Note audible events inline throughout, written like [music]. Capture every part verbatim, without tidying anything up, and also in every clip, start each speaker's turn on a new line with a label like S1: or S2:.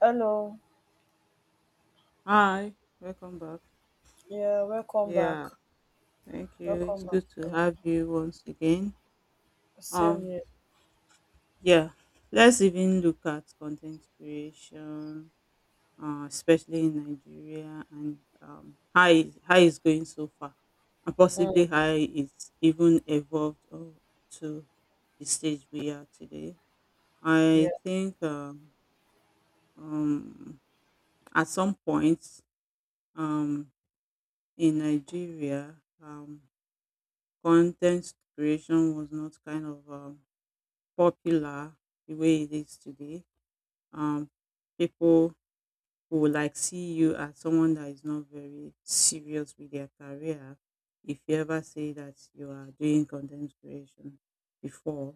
S1: Hello.
S2: Hi, welcome back.
S1: Yeah, welcome back.
S2: Yeah, thank you. It's
S1: Welcome back.
S2: good to
S1: Yeah,
S2: have you once again.
S1: same
S2: Um,
S1: here.
S2: yeah, let's even look at content creation, uh, especially in Nigeria, and um, how it, how it's going so far, and
S1: Mm,
S2: possibly how it's even evolved uh, to the stage we are today.
S1: yeah.
S2: I think um, um, at some point um, in Nigeria. Um, content creation was not kind of um, popular the way it is today. Um, people who like see you as someone that is not very serious with their career if you ever say that you are doing content creation before.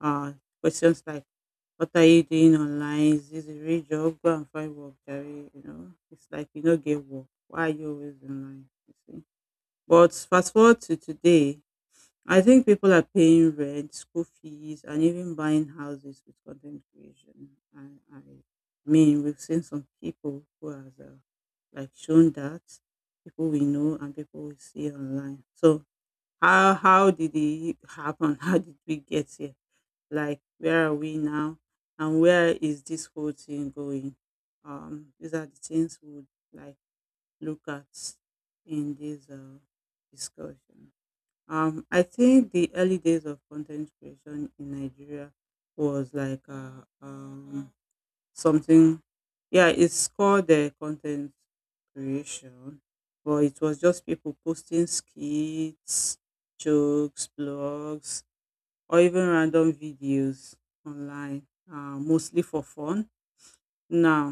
S2: Uh, questions like, what are you doing online? Is this a real job? Go and find work, Jerry. You know, it's like you don't get work. Why are you always online? You see? But fast forward to today, I think people are paying rent, school fees, and even buying houses with content creation. I, I mean, we've seen some people who have uh, like shown that people we know and people we see online. So how how did it happen? [laughs] How did we get here? Like where are we now? And where is this whole thing going? Um, these are the things we would like look at in this uh, discussion. Um, I think the early days of content creation in Nigeria was like uh, um, something, yeah, it's called the content creation, but it was just people posting skits, jokes, blogs, or even random videos online, uh, mostly for fun now,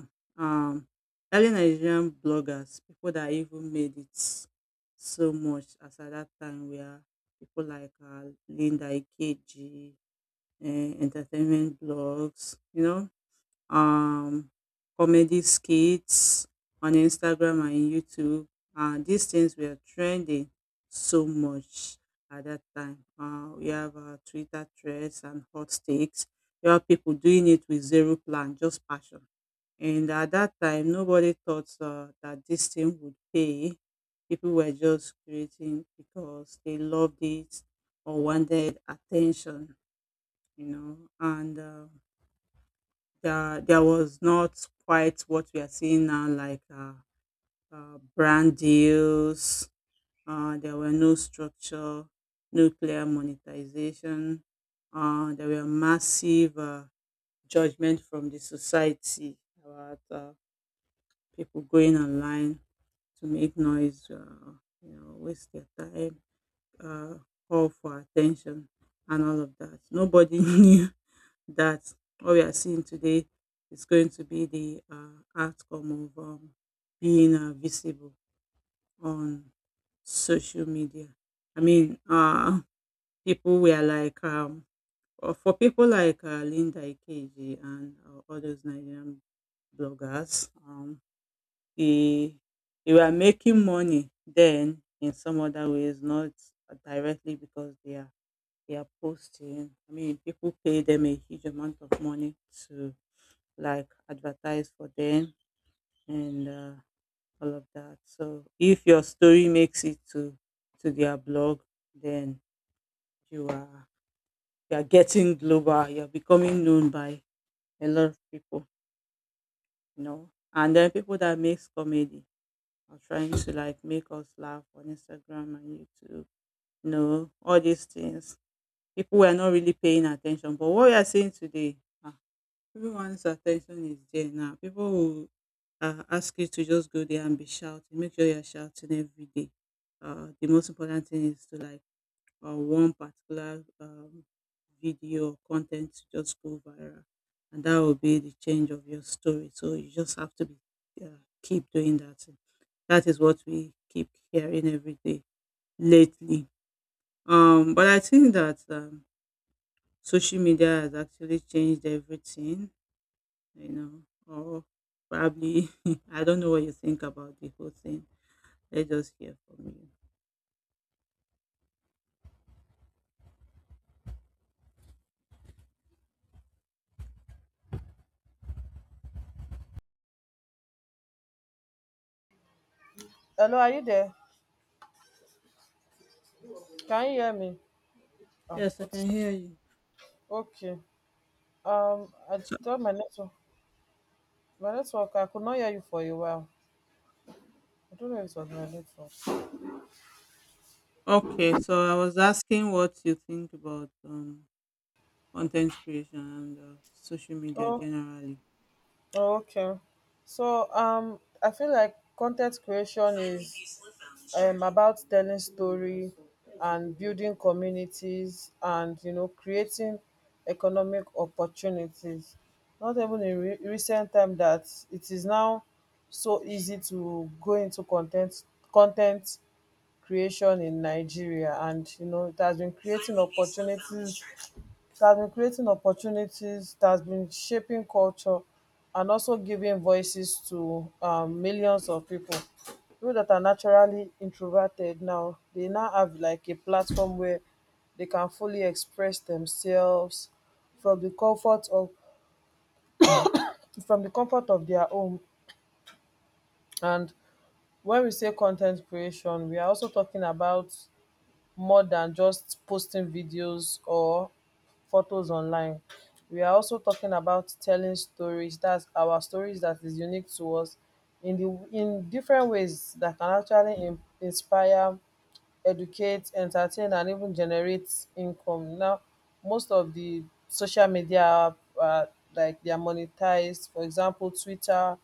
S2: um, early Nigerian bloggers, people that even made it so much as at that time were people like uh, Linda Ikeji, uh, entertainment blogs, you know, um, comedy skits on Instagram and YouTube. Uh, these things were trending so much at that time. Uh, we have uh, Twitter threads and hot takes. You have people doing it with zero plan, just passion, and at that time, nobody thought uh, that this thing would pay. People were just creating because they loved it or wanted attention, you know. And uh, there, there was not quite what we are seeing now, like uh, uh, brand deals. Uh, there were no structure, no clear monetization. Uh, there were massive uh, judgment from the society about uh, people going online to make noise, uh, you know, waste their time, uh, call for attention, and all of that. Nobody [laughs] knew that what we are seeing today is going to be the uh, outcome of um, being uh, visible on social media. I mean, uh, people were like, um, or for people like uh, Linda Ikeji and uh, all those Nigerian bloggers, um, e you are making money then in some other ways, not directly because they are they are posting. I mean, people pay them a huge amount of money to like advertise for them and uh, all of that. So if your story makes it to to their blog, then you are you are getting global. You're becoming known by a lot of people, you know. And then people that makes comedy or trying to like make us laugh on Instagram and YouTube. You know, all these things. People were not really paying attention. But what we are seeing today, ah, everyone's attention is there now. People will uh, ask you to just go there and be shouting. Make sure you're shouting every day. Uh, the most important thing is to like uh, one particular um, video or content to just go viral. And that will be the change of your story. So you just have to be, uh, keep doing that that is what we keep hearing every day lately. Um, but I think that um, social media has actually changed everything, you know, or probably, [laughs] I don't know what you think about the whole thing. Let's just hear from you.
S1: Hello, are you there? Can you hear me? Oh,
S2: Yes, I
S1: it is-
S2: can hear you.
S1: okay. Um, I
S2: So,
S1: thought my network, my network, I could not hear you for a while. I don't know if it was my network.
S2: okay, so I was asking what you think about um, content creation and uh, social media
S1: Oh,
S2: generally.
S1: oh, okay. So, um, I feel like content creation is um about telling story and building communities, and you know, creating economic opportunities. Not even in re- recent time that it is now so easy to go into content content creation in Nigeria. And you know, it has been creating opportunities it has been creating opportunities, it has been shaping culture and also giving voices to um millions of people. People that are naturally introverted now, they now have like a platform where they can fully express themselves from the comfort of from the comfort of their home. And when we say content creation, we are also talking about more than just posting videos or photos online. We are also talking about telling stories, that's our stories that is unique to us, in the in different ways that can actually in, inspire, educate, entertain, and even generate income. Now most of the social media, uh, like, they are monetized. For example, Twitter,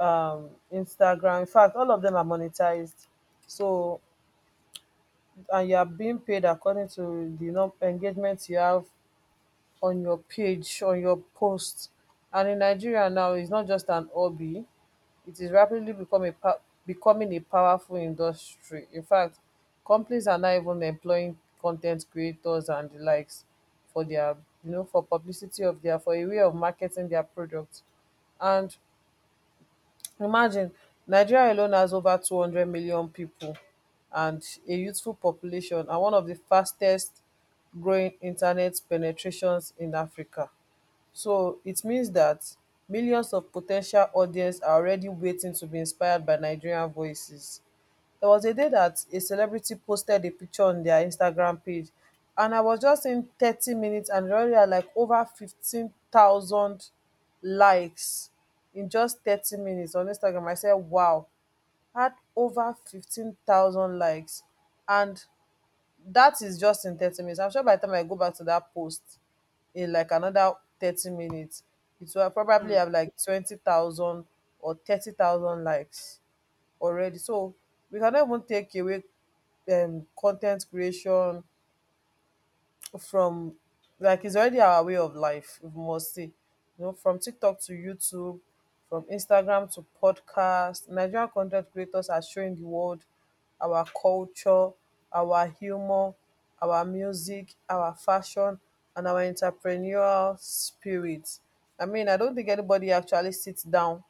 S1: um Instagram, in fact all of them are monetized. So, and you are being paid according to the num- engagement you have on your page, on your post. And in Nigeria now, it's not just an hobby; it is rapidly become a pa- becoming a powerful industry. In fact, companies are now even employing content creators and the likes for their, you know, for publicity of their, for a way of marketing their products. And imagine, Nigeria alone has ova two hundred million pipo, and a youthful population, and one of di fastest growing internet penetrations in Africa. So it means that millions of potential audience are already waiting to be inspired by Nigerian voices. There was a day that a celebrity posted a picture on their Instagram page, and I was just in thirty minutes and they already had like over fifteen thousand likes in just thirty minutes on Instagram. I said wow, had over fifteen thousand likes, and that is just in thirty minutes. I'm sure by the time I go back to that post in like another thirty minutes, it will probably
S2: Hmm.
S1: have like twenty thousand or thirty thousand likes already. So we cannot even take away um, content creation from, like, it's already our way of life, we must say. You know, from TikTok to YouTube, from Instagram to podcast, Nigerian content creators are showing the world our culture, our humor, our music, our fashion, and our entrepreneurial spirit. I mean, I don't think anybody actually sits down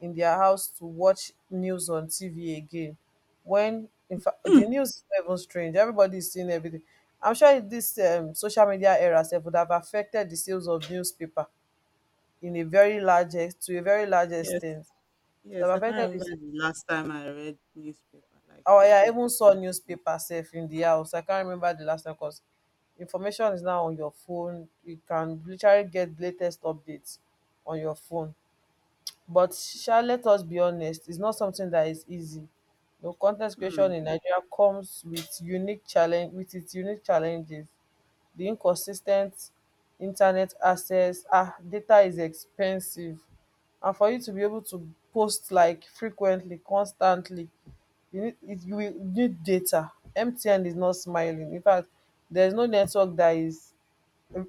S1: in their house to watch news on T V again. When in fact the news is not even strange, everybody is seeing everything. I'm sure this um, social media era sef would have affected the sales of newspaper in a very large ex- to a very large
S2: Yes,
S1: extent. It would
S2: yes, I
S1: have affected
S2: can't
S1: the
S2: remember
S1: sales.
S2: the last time I read newspaper, like
S1: Oh
S2: on
S1: yeah, I even
S2: paper.
S1: saw newspaper sef in the house. I can't remember the last time, because information is now on your phone. You can literally get latest updates on your phone. But sha, let us be honest, its not something that is easy. Um con ten t creation
S2: Hmm.
S1: in Nigeria comes with unique challenge, with its unique challenges. The inconsistent internet access, ah, data is expensive, and for you to be able to post like frequently, constantly, you need it you will need data. M T N is not smiling. In fact, there is no network that is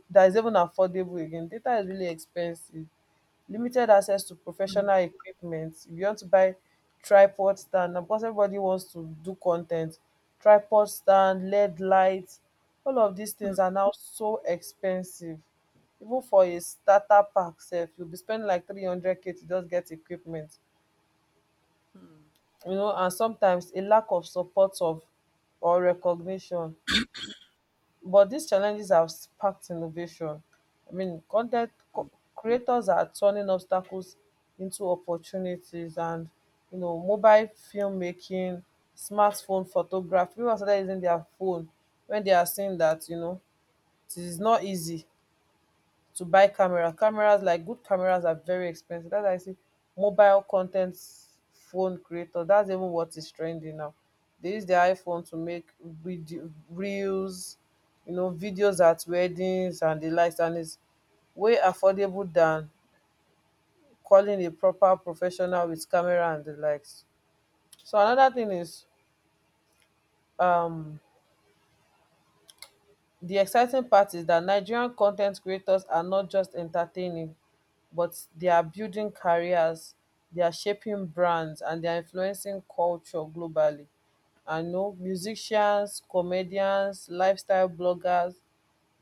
S1: that is even affordable again. Data is really expensive. Limited access to professional equipment. If you want to buy tripod stand, of course everybody wants to do con ten t. Tripod stand, L E D light, all of these
S2: Mm,
S1: things are now so expensive. Even for a starter pack sef, you be spending like three hundred k to just get equipment.
S2: mm,
S1: You know, and sometimes a lack of support of or recognition. But these challenges have sparked innovation. I mean, content ten
S2: mm,
S1: creators are turning obstacles into opportunities, and you know, mobile filmmaking, smartphone photography, pipu don started using dia phone. When they are seeing that, you know, it is not easy to buy camera. Cameras, like, good cameras are very expensive. That's why I see mobile content phone creator. That's even what is trending now. They use their iPhone to make video reels, you know, videos at weddings and the likes, and it's way affordable than calling a proper professional with camera and the likes. So another thing is, um di exciting part is dat Nigerian con ten t creators are not just entertaining, but they are building careers, they are shaping brands, and they are influencing culture globally. I know musicians, comedians, lifestyle bloggers,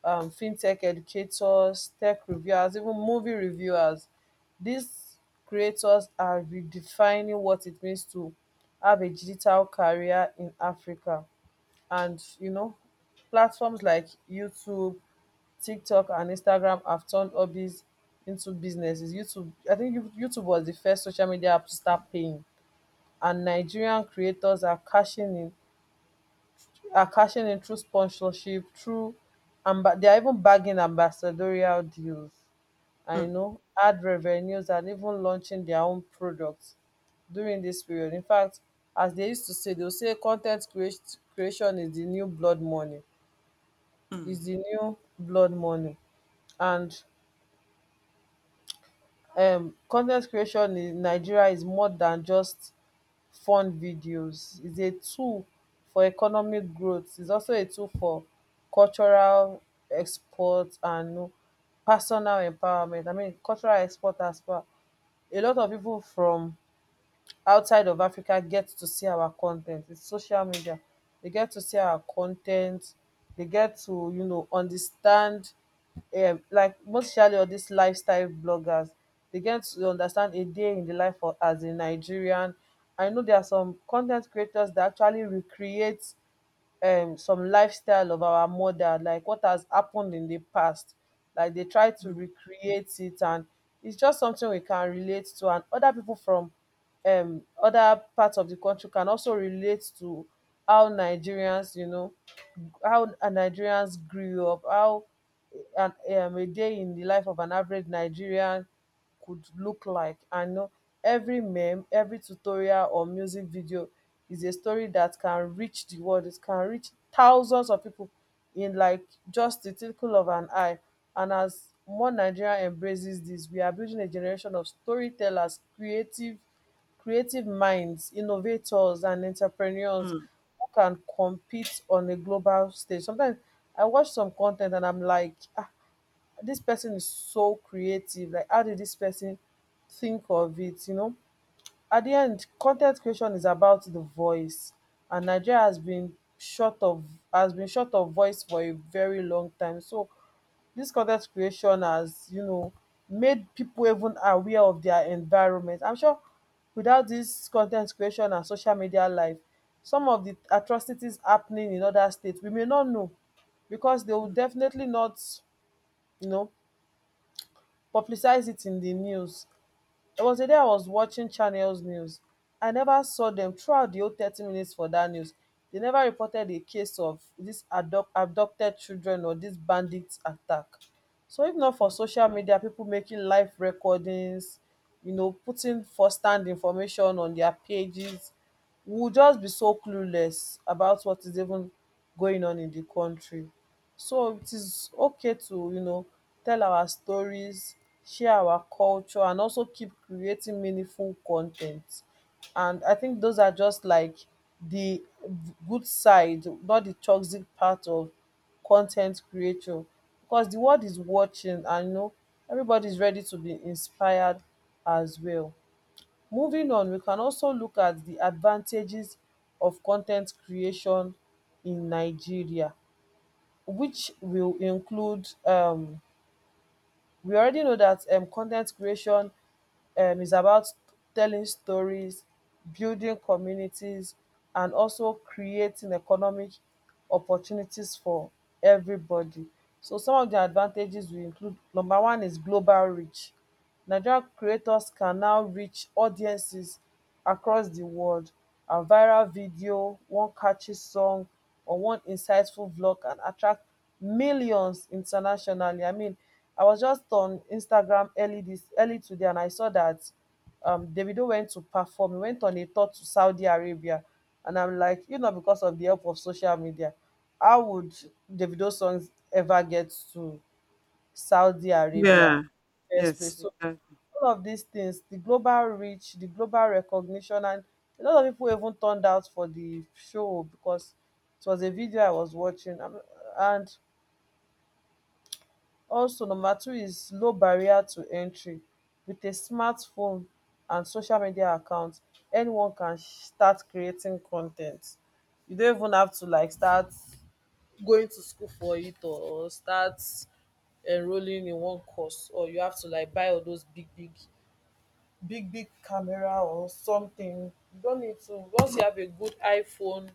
S1: um fintech educators, tech reviewers, even movie reviewers. These creators are redefining what it means to have a digital career in Africa. And you know, platforms like YouTube, TikTok, and Instagram have turned hobbies into businesses. YouTube, I think, you- YouTube was the first social media app to start paying, and Nigerian creators are cashing in are cashing in through sponsorship, through and they are even bagging ambassadorial deals. I
S2: mm,
S1: know ad revenues and even launching their own products during this period. In fact, as they used to say, they'll say content creat- creation is the new blood money.
S2: mm,
S1: is the new blood money and um con ten t creation in Nigeria is more than just fun videos. It's a tool for economic growth. It's also a tool for cultural export and personal empowerment. I mean, cultural export as well, a lot of people from outside of Africa get to see our con ten t. It's social media. They get to see our con ten t. They get to, you know, understand, um like, most especially all these lifestyle bloggers, they get to understand a day in the life of as a Nigerian. I know there are some con ten t creators that actually recreate um some lifestyle of our mother, like what has happened in the past. Like, they try to
S2: mm,
S1: recreate it, and it's just something we can relate to, and other people from um other parts of the country can also relate to how Nigerians, you know, how Nigerians grew up, how an, um, a day in the life of an average Nigerian could look like. And know, every meme, every tutorial or music video is a story that can reach the world. It can reach thousands of people in like just the twinkle of an eye. And as more Nigeria embraces this, we are building a generation of storytellers, creative creative minds, innovators, and entrepreneurs
S2: mm,
S1: who can compete on a global stage. Sometimes I watch some content and I'm like, ah, this person is so creative. Like, how did this person think of it? You know, at the end, content creation is about the voice, and Nigeria has been short of has been short of voice for a very long time. So this content creation has, you know, made people even aware of their environment. I'm sure without this content creation and social media life, some of the atrocities happening in other states we may not know, because they will
S2: mm,
S1: definitely not, you know, publicize it in the news. There was a day I was watching Channels News. I never saw them throughout the whole thirty minutes for that news. They never reported a case of this adopt, abducted children or this bandit attack. So if not for
S2: mm.
S1: social media, people making live recordings, you know, putting first hand information on their pages, we will just be so clueless about what is even going on in the country. So it is okay to, you know, tell our stories, share our culture, and also keep creating meaningful content. And I think those are just like the good side, not the toxic part of content creation. Because the world is watching, and you know, everybody is ready to be inspired as well. Moving on, we can also look at the advantages of content creation in Nigeria, which will include, um we already know that um con ten t creation um is about telling stories, building communities, and also creating economic opportunities for everybody. So some of the advantages will include number one is global reach. Nigerian creators can now reach audiences across di world, and viral video, one catchy song or one insightful vlog, can attract millions internationally. I mean, I was just on Instagram early this early today, and I saw that um Davido went to perform. He went on a tour to Saudi Arabia, and I'm like, you know, because of the help of social media, how would Davido songs ever get to Saudi Arabia
S2: Yeah.
S1: in the first place?
S2: Yes,
S1: So
S2: exactly.
S1: all of these things, the global reach, the global recognition, and a lot of people even turned out for the show, because it was a video I was watching Um, And also, number two is low barrier to entry. With a smartphone and social media account, anyone can start creating content. You don't even have to like start going to school for it or start enrolling in one course, or you have to like buy all those big big big big camera or something. You don't need to. Once you have a good iPhone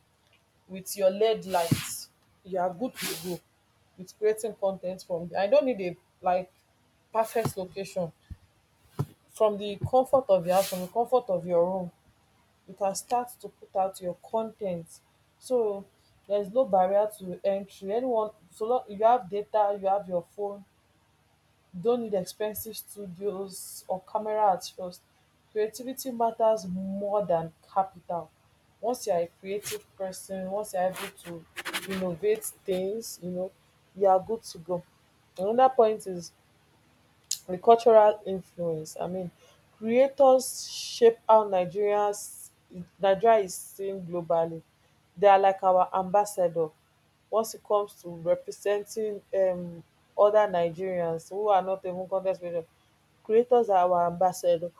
S1: with your L E D lights, you are good to go with creating content from there. I don't need a like perfect location. From the comfort of your house, from the comfort of your room, you can start to put out your content, so there's no barrier to entry. Anyone, so long you have data, you have your phone, don't need expensive studios or camera at first. Creativity matters more than capital. Once you are a creative person, once you are able to innovate things, you know, you are good to go. Another point is the cultural influence. I mean, creators shape how Nigerians Nigeria is seen globally. They are like our ambassador once it comes to representing um other Nigerians who are not even con ten creators. Creators are our ambassador.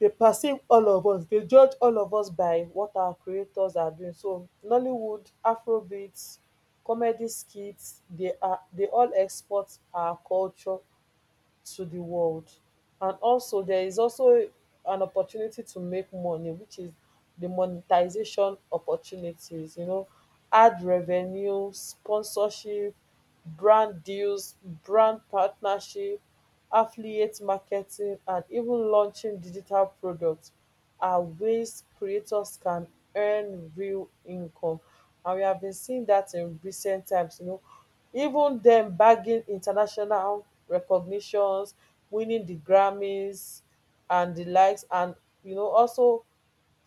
S1: They perceive all of us, they judge all of us by what our creators are doing. So Nollywood, Afrobeats, comedy skits, they are they all export our culture to the world. And also, there is also an opportunity to make money, which is the monetization opportunities. You know, ad revenue, sponsorship, brand deals, brand partnership, affiliate marketing, and even launching digital products are ways creators can earn real income. And we have been seeing that in recent times, you know, even them bagging international recognitions, winning the Grammys and the likes, and, you know, also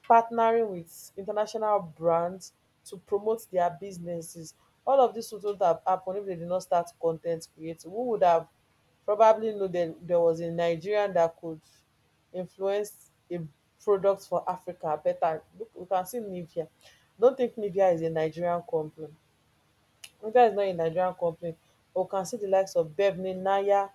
S1: partnering with international brands to promote their businesses. All of dis wouldn't have happun if they did not start content ten creating. Who would have probably know that there was a Nigerian that could influence a product for Africa? Better look, we can see Nivea. Don't think Nivea is a Nigerian company. Nivea is not a Nigerian company, but we can see the likes of Bevne, Naya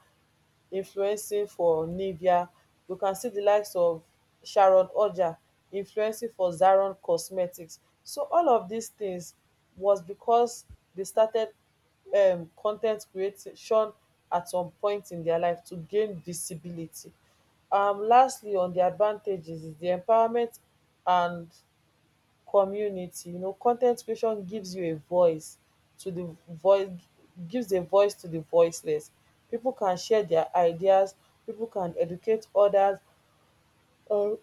S1: influencing for Nivea. You can see di likes of Sharon Odja influencing for Zaron Cosmetics. So all of dis tins was becos dey started um con ten t creation at some point in dia life to gain visibility. Um lastly, on di advantages is di empowerment and community. You know, con ten t creation gives you a voice to the voice gives a voice to the voiceless. People can share their ideas, people can educate others, um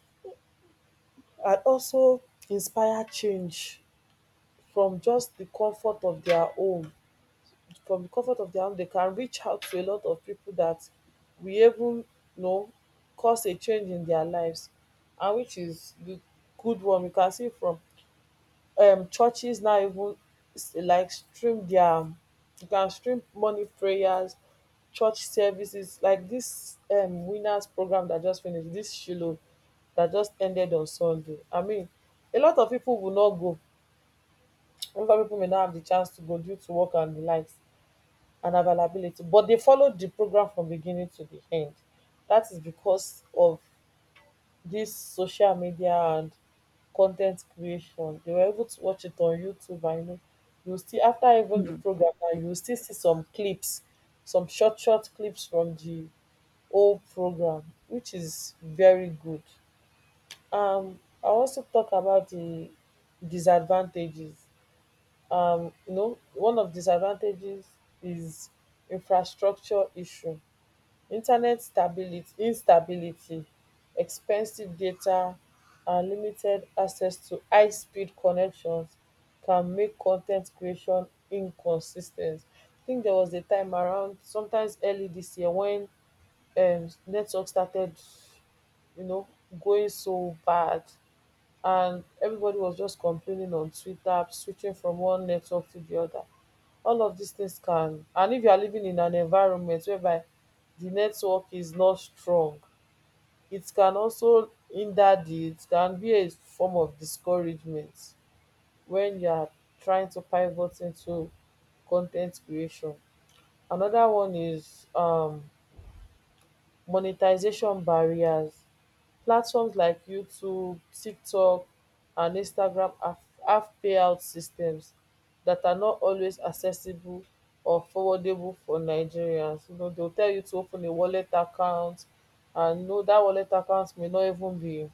S1: and also inspire change from just the comfort of their home. From the comfort of their home, they can reach out to a lot of people that we even, you know, cause a change in their lives. And which is the good one, we can see from um churches now. Even s- like, stream their, you can stream morning prayers, church services like this um Winners program that just finished, this Shiloh that just ended on Sunday. I mean, a lot of people will not go [tsk] over, people may not have the chance to go due to work and the likes and availability, but they followed the program from beginning to the end. That is because of this social media and content creation, they were able to watch it on YouTube. And you know, you still after even the
S2: Mm.
S1: program na you will still see some clips, some short short clips from the whole program, which is very good. Um I also talk about the disadvantages. Um you know, one of disadvantages is infrastructure issue. Internet stability instability, expensive data, and limited access to highspeed connections can make con ten t creation inconsis ten t. I think there was a time around sometimes early this year when um network started, you know, going so bad, and everybody was just complaining on Twitter, switching from one network to the other. All of these things can. And if you are living in an environment whereby the network is not strong, it can also hinder di it can be a form of discouragement when you are trying to pivot into content creation. Another one is um monetization barriers. Platforms like YouTube, TikTok, and Instagram have have payout systems that are not always accessible or forwardable for Nigerians. You know, dey go tell you to open a wallet account, and no, that wallet account may not even be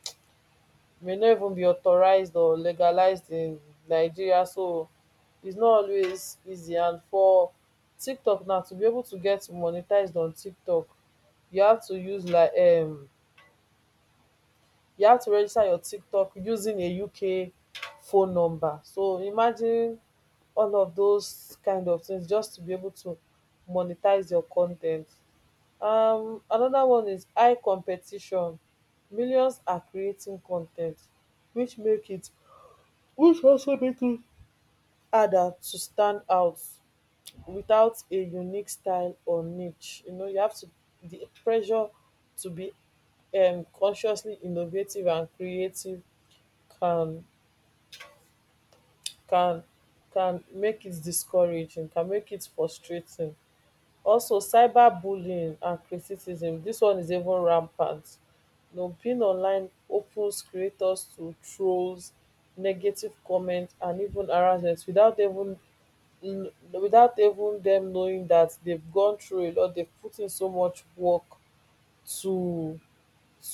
S1: may not even be authorised or legalised in Nigeria. So its not always easy. And for TikTok now to be able to get monetized on TikTok, you have to use like um you have to register your TikTok using a U K phone number. So imagine all of those kind of things just to be able to monetize your content. Um, another one is high competition. Millions are creating content, which make it which also make it harder to stand out without a unique style or niche. You know, you have to, the pressure to be um consciously innovative and creative can can can make it discouraging, can make it frustrating. Also, cyberbullying and criticism, this one is even rampant. You know, being online opens creators to trolls, negative comments, and even harassment without even kn- without even them knowing that they've gone through a lot, they've put in so much work to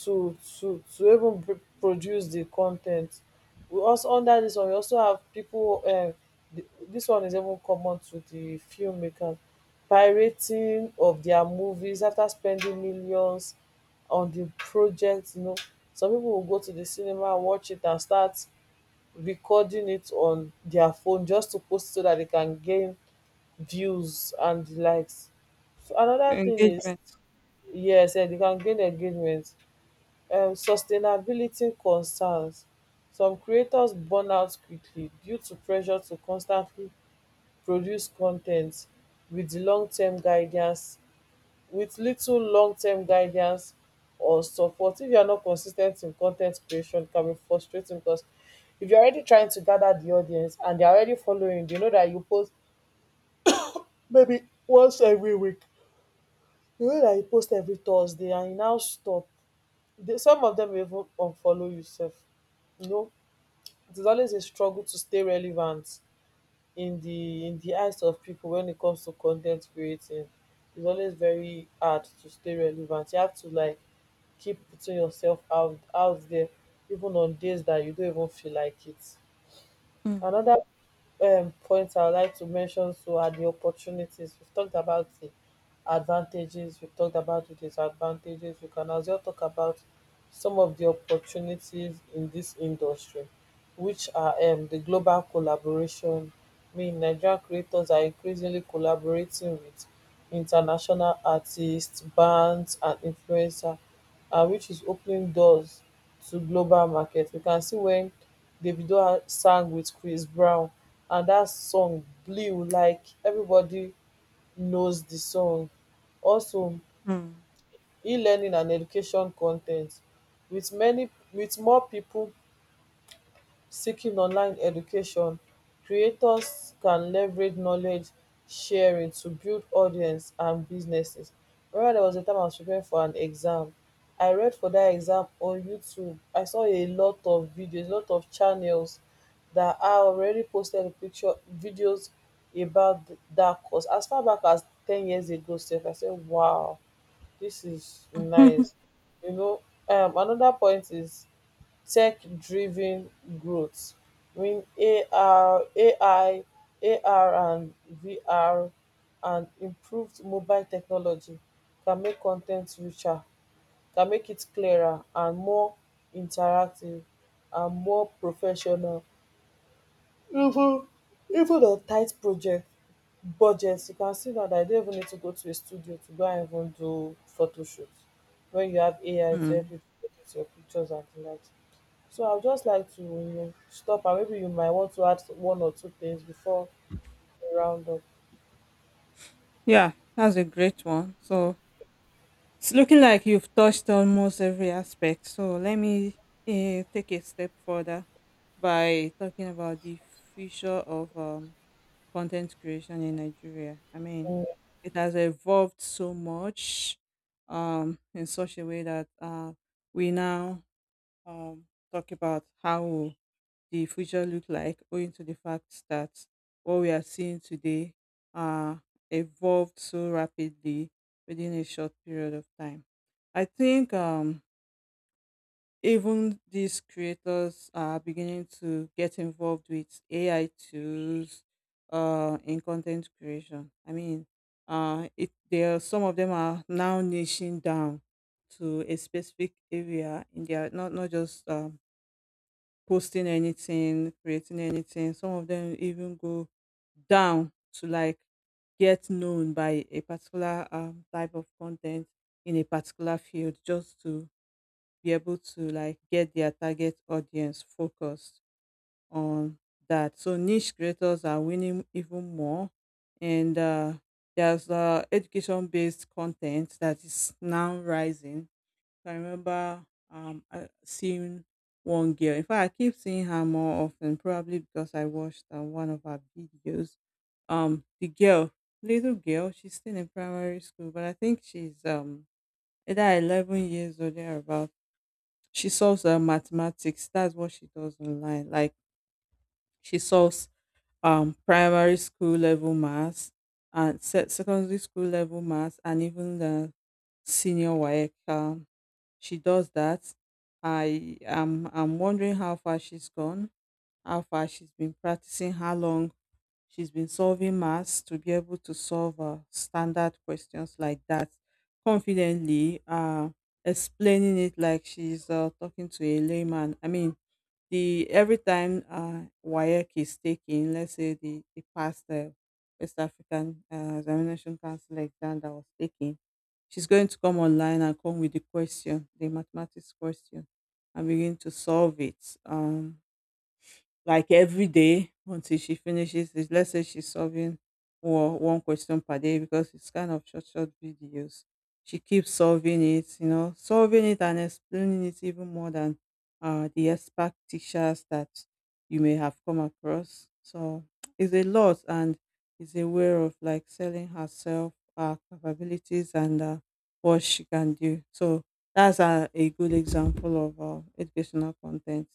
S1: to to to even pr- produce the content. We also under this one, we also have people. Uh, th- dis one is even common to the filmmakers pirating of their movies after spending millions on the project. You know, some people will go to the cinema, watch it and start recording it on their phone just to post so that they can gain views and likes. So anoda tin is,
S2: Engagement.
S1: yes, um they can gain engagement. Um sustainability concerns, some creators burn out quickly due to pressure to constantly produce con ten t with di longterm guidance with little long-term guidance or support. If you are not consis ten t in con ten t creation, it can be frustrating, because if you are already trying to gather the audience and they are already following you, you know that you post maybe once every week. You know that you post every Thursday and you now stop. They, some of dem even unfollow you sef, you know. It is always a struggle to stay relevant in the in the eyes of people when it comes to content creating. It's always very hard to stay relevant. You have to like keep putting yourself out out there even on days that you don't even feel like it.
S2: Mm.
S1: Another um points I would like to mention, so are the opportunities. We've talked about the advantages, we've talked about the disadvantages. We can as well talk about some of the opportunities in this industry, which are um, the global collaboration. I mean, Nigerian creators are increasingly collaborating with international artists, bands, and influencers, uh, which is opening doors to global market. We can see wen Davido sang wit Chris Brown, and dat song blew, like evribodi knows di song. Also,
S2: Mm.
S1: elearning and education con ten t, wit many wit more pipo seeking online education, creators can leverage knowledge sharing to build audience and businesses. Remember there was a time I was preparing for an exam, I read for that exam on YouTube. I saw a lot of videos, a lot of channels that are already posted picture videos about th- that course as far back as ten years ago sef. I said, wow, this is
S2: [laughs]
S1: nice. You know, um another point is tech-driven growth in ar A I, A R, and V R, and improved mobile technology can make con ten t richer, can make it clearer and more interactive and more professional, even even on tight project budget. You can see now that you don't even need to go to a studio to go and even do photoshoot when you have A I to help
S2: Mm.
S1: you edit your pictures and the likes. So I would just like to, you know, stop, and maybe you might want to add one or two things before we round up.
S2: Yeah, that's a great one. So it's looking like you've touched almost every aspect. So let me uh, take a step further by talking about the future of um, content creation in Nigeria. I mean, it has evolved so much um, in such a way that uh, we now um, talk about how will the future look like, owing to the fact that what we are seeing today uh, evolved so rapidly within a short period of time. I think um, even these creators are beginning to get involved with A I tools uh, in content creation. I mean, uh, it there some of them are now niching down to a specific area in their not not just um, posting anything, creating anything. Some of them even go down to like get known by a particular um, type of content in a particular field just to be able to like get their target audience focused on that. So niche creators are winning even more, and uh, there's uh, education-based content that is now rising. So, I remember um, I seeing one girl. In fact, I keep seeing her more often, probably because I watched uh, one of her videos. Um, the girl, little girl, she's still in primary school, but I think she's um either eleven years or thereabouts. She solves uh, mathematics, that's what she does online, like she solves um primary school level maths and se- secondary school level maths and even the senior WAEC is said as a word, skip. Um, she does that. I am I'm I'm wondering how far she's gone, how far she's been practicing, how long she's been solving maths to be able to solve uh, standard questions like that confidently, uh, explaining it like she's uh, talking to a layman. I mean, the every time uh, WAEC is taking, let's say the, the past uh, West African uh, Examination Council exam that was taken, she's going to come online and come with the question, the mathematics question, and begin to solve it. Um, like every day until she finishes it. Let's say she's solving or one question per day because it's kind of short, short videos. She keeps solving it, you know, solving it and explaining it even more than uh, the expert teachers that you may have come across. So it's a lot, and is aware of like selling herself, her capabilities, and uh, what she can do. So that's a, a good example of uh, educational content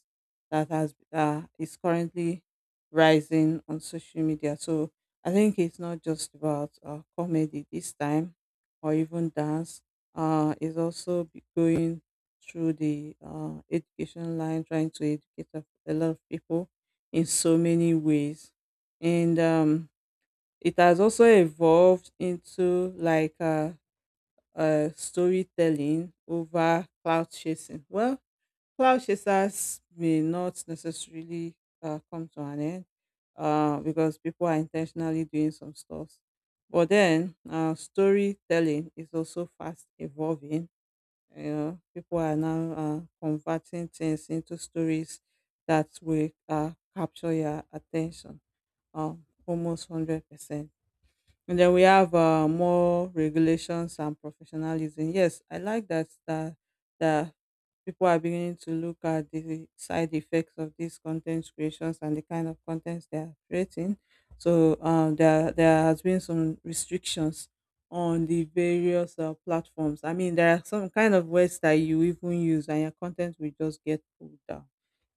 S2: that has that is currently rising on social media. So I think it's not just about uh, comedy this time, or even dance. Uh, it's also be- going through the uh, education line, trying to educate a a lot of people in so many ways, and um, it has also evolved into like uh, uh, storytelling over cloud chasing. Well, cloud chasers may not necessarily uh, come to an end uh, because people are intentionally doing some stuff. But then uh, storytelling is also fast evolving. You know, people are now uh, converting things into stories that will uh, capture your attention, um, almost one hundred percent. And then we have uh, more regulations and professionalism. Yes, I like that that that people are beginning to look at the side effects of these content creations and the kind of contents they are creating. So um, there there has been some restrictions on the various uh, platforms. I mean, there are some kind of words that you even use, and your content will just get pulled down.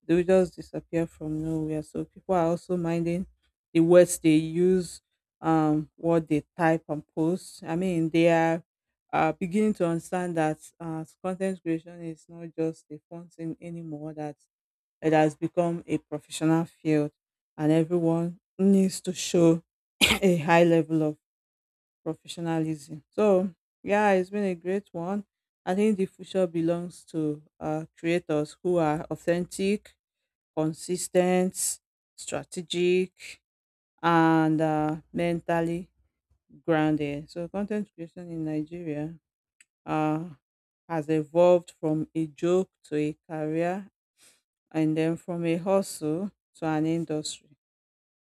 S2: They will just disappear from nowhere. So people are also minding the words they use, um, what they type and post. I mean, they are uh, beginning to understand that uh, content creation is not just a fun thing anymore, that it has become a professional field, and everyone needs to show [clears throat] a high level of professionalism. So, yeah, it's been a great one. I think the future belongs to uh, creators who are authentic, consistent, strategic, and uh, mentally grounded. So content creation in Nigeria uh, has evolved from a joke to a career and then from a hustle to an industry.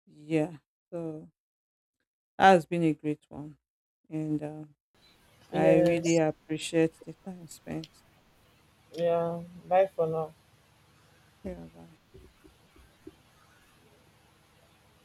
S2: Yeah. So that has been a great one. And uh, I really
S1: Yes.
S2: appreciate the time spent.
S1: Yeah. Bye for now.
S2: Yeah, bye.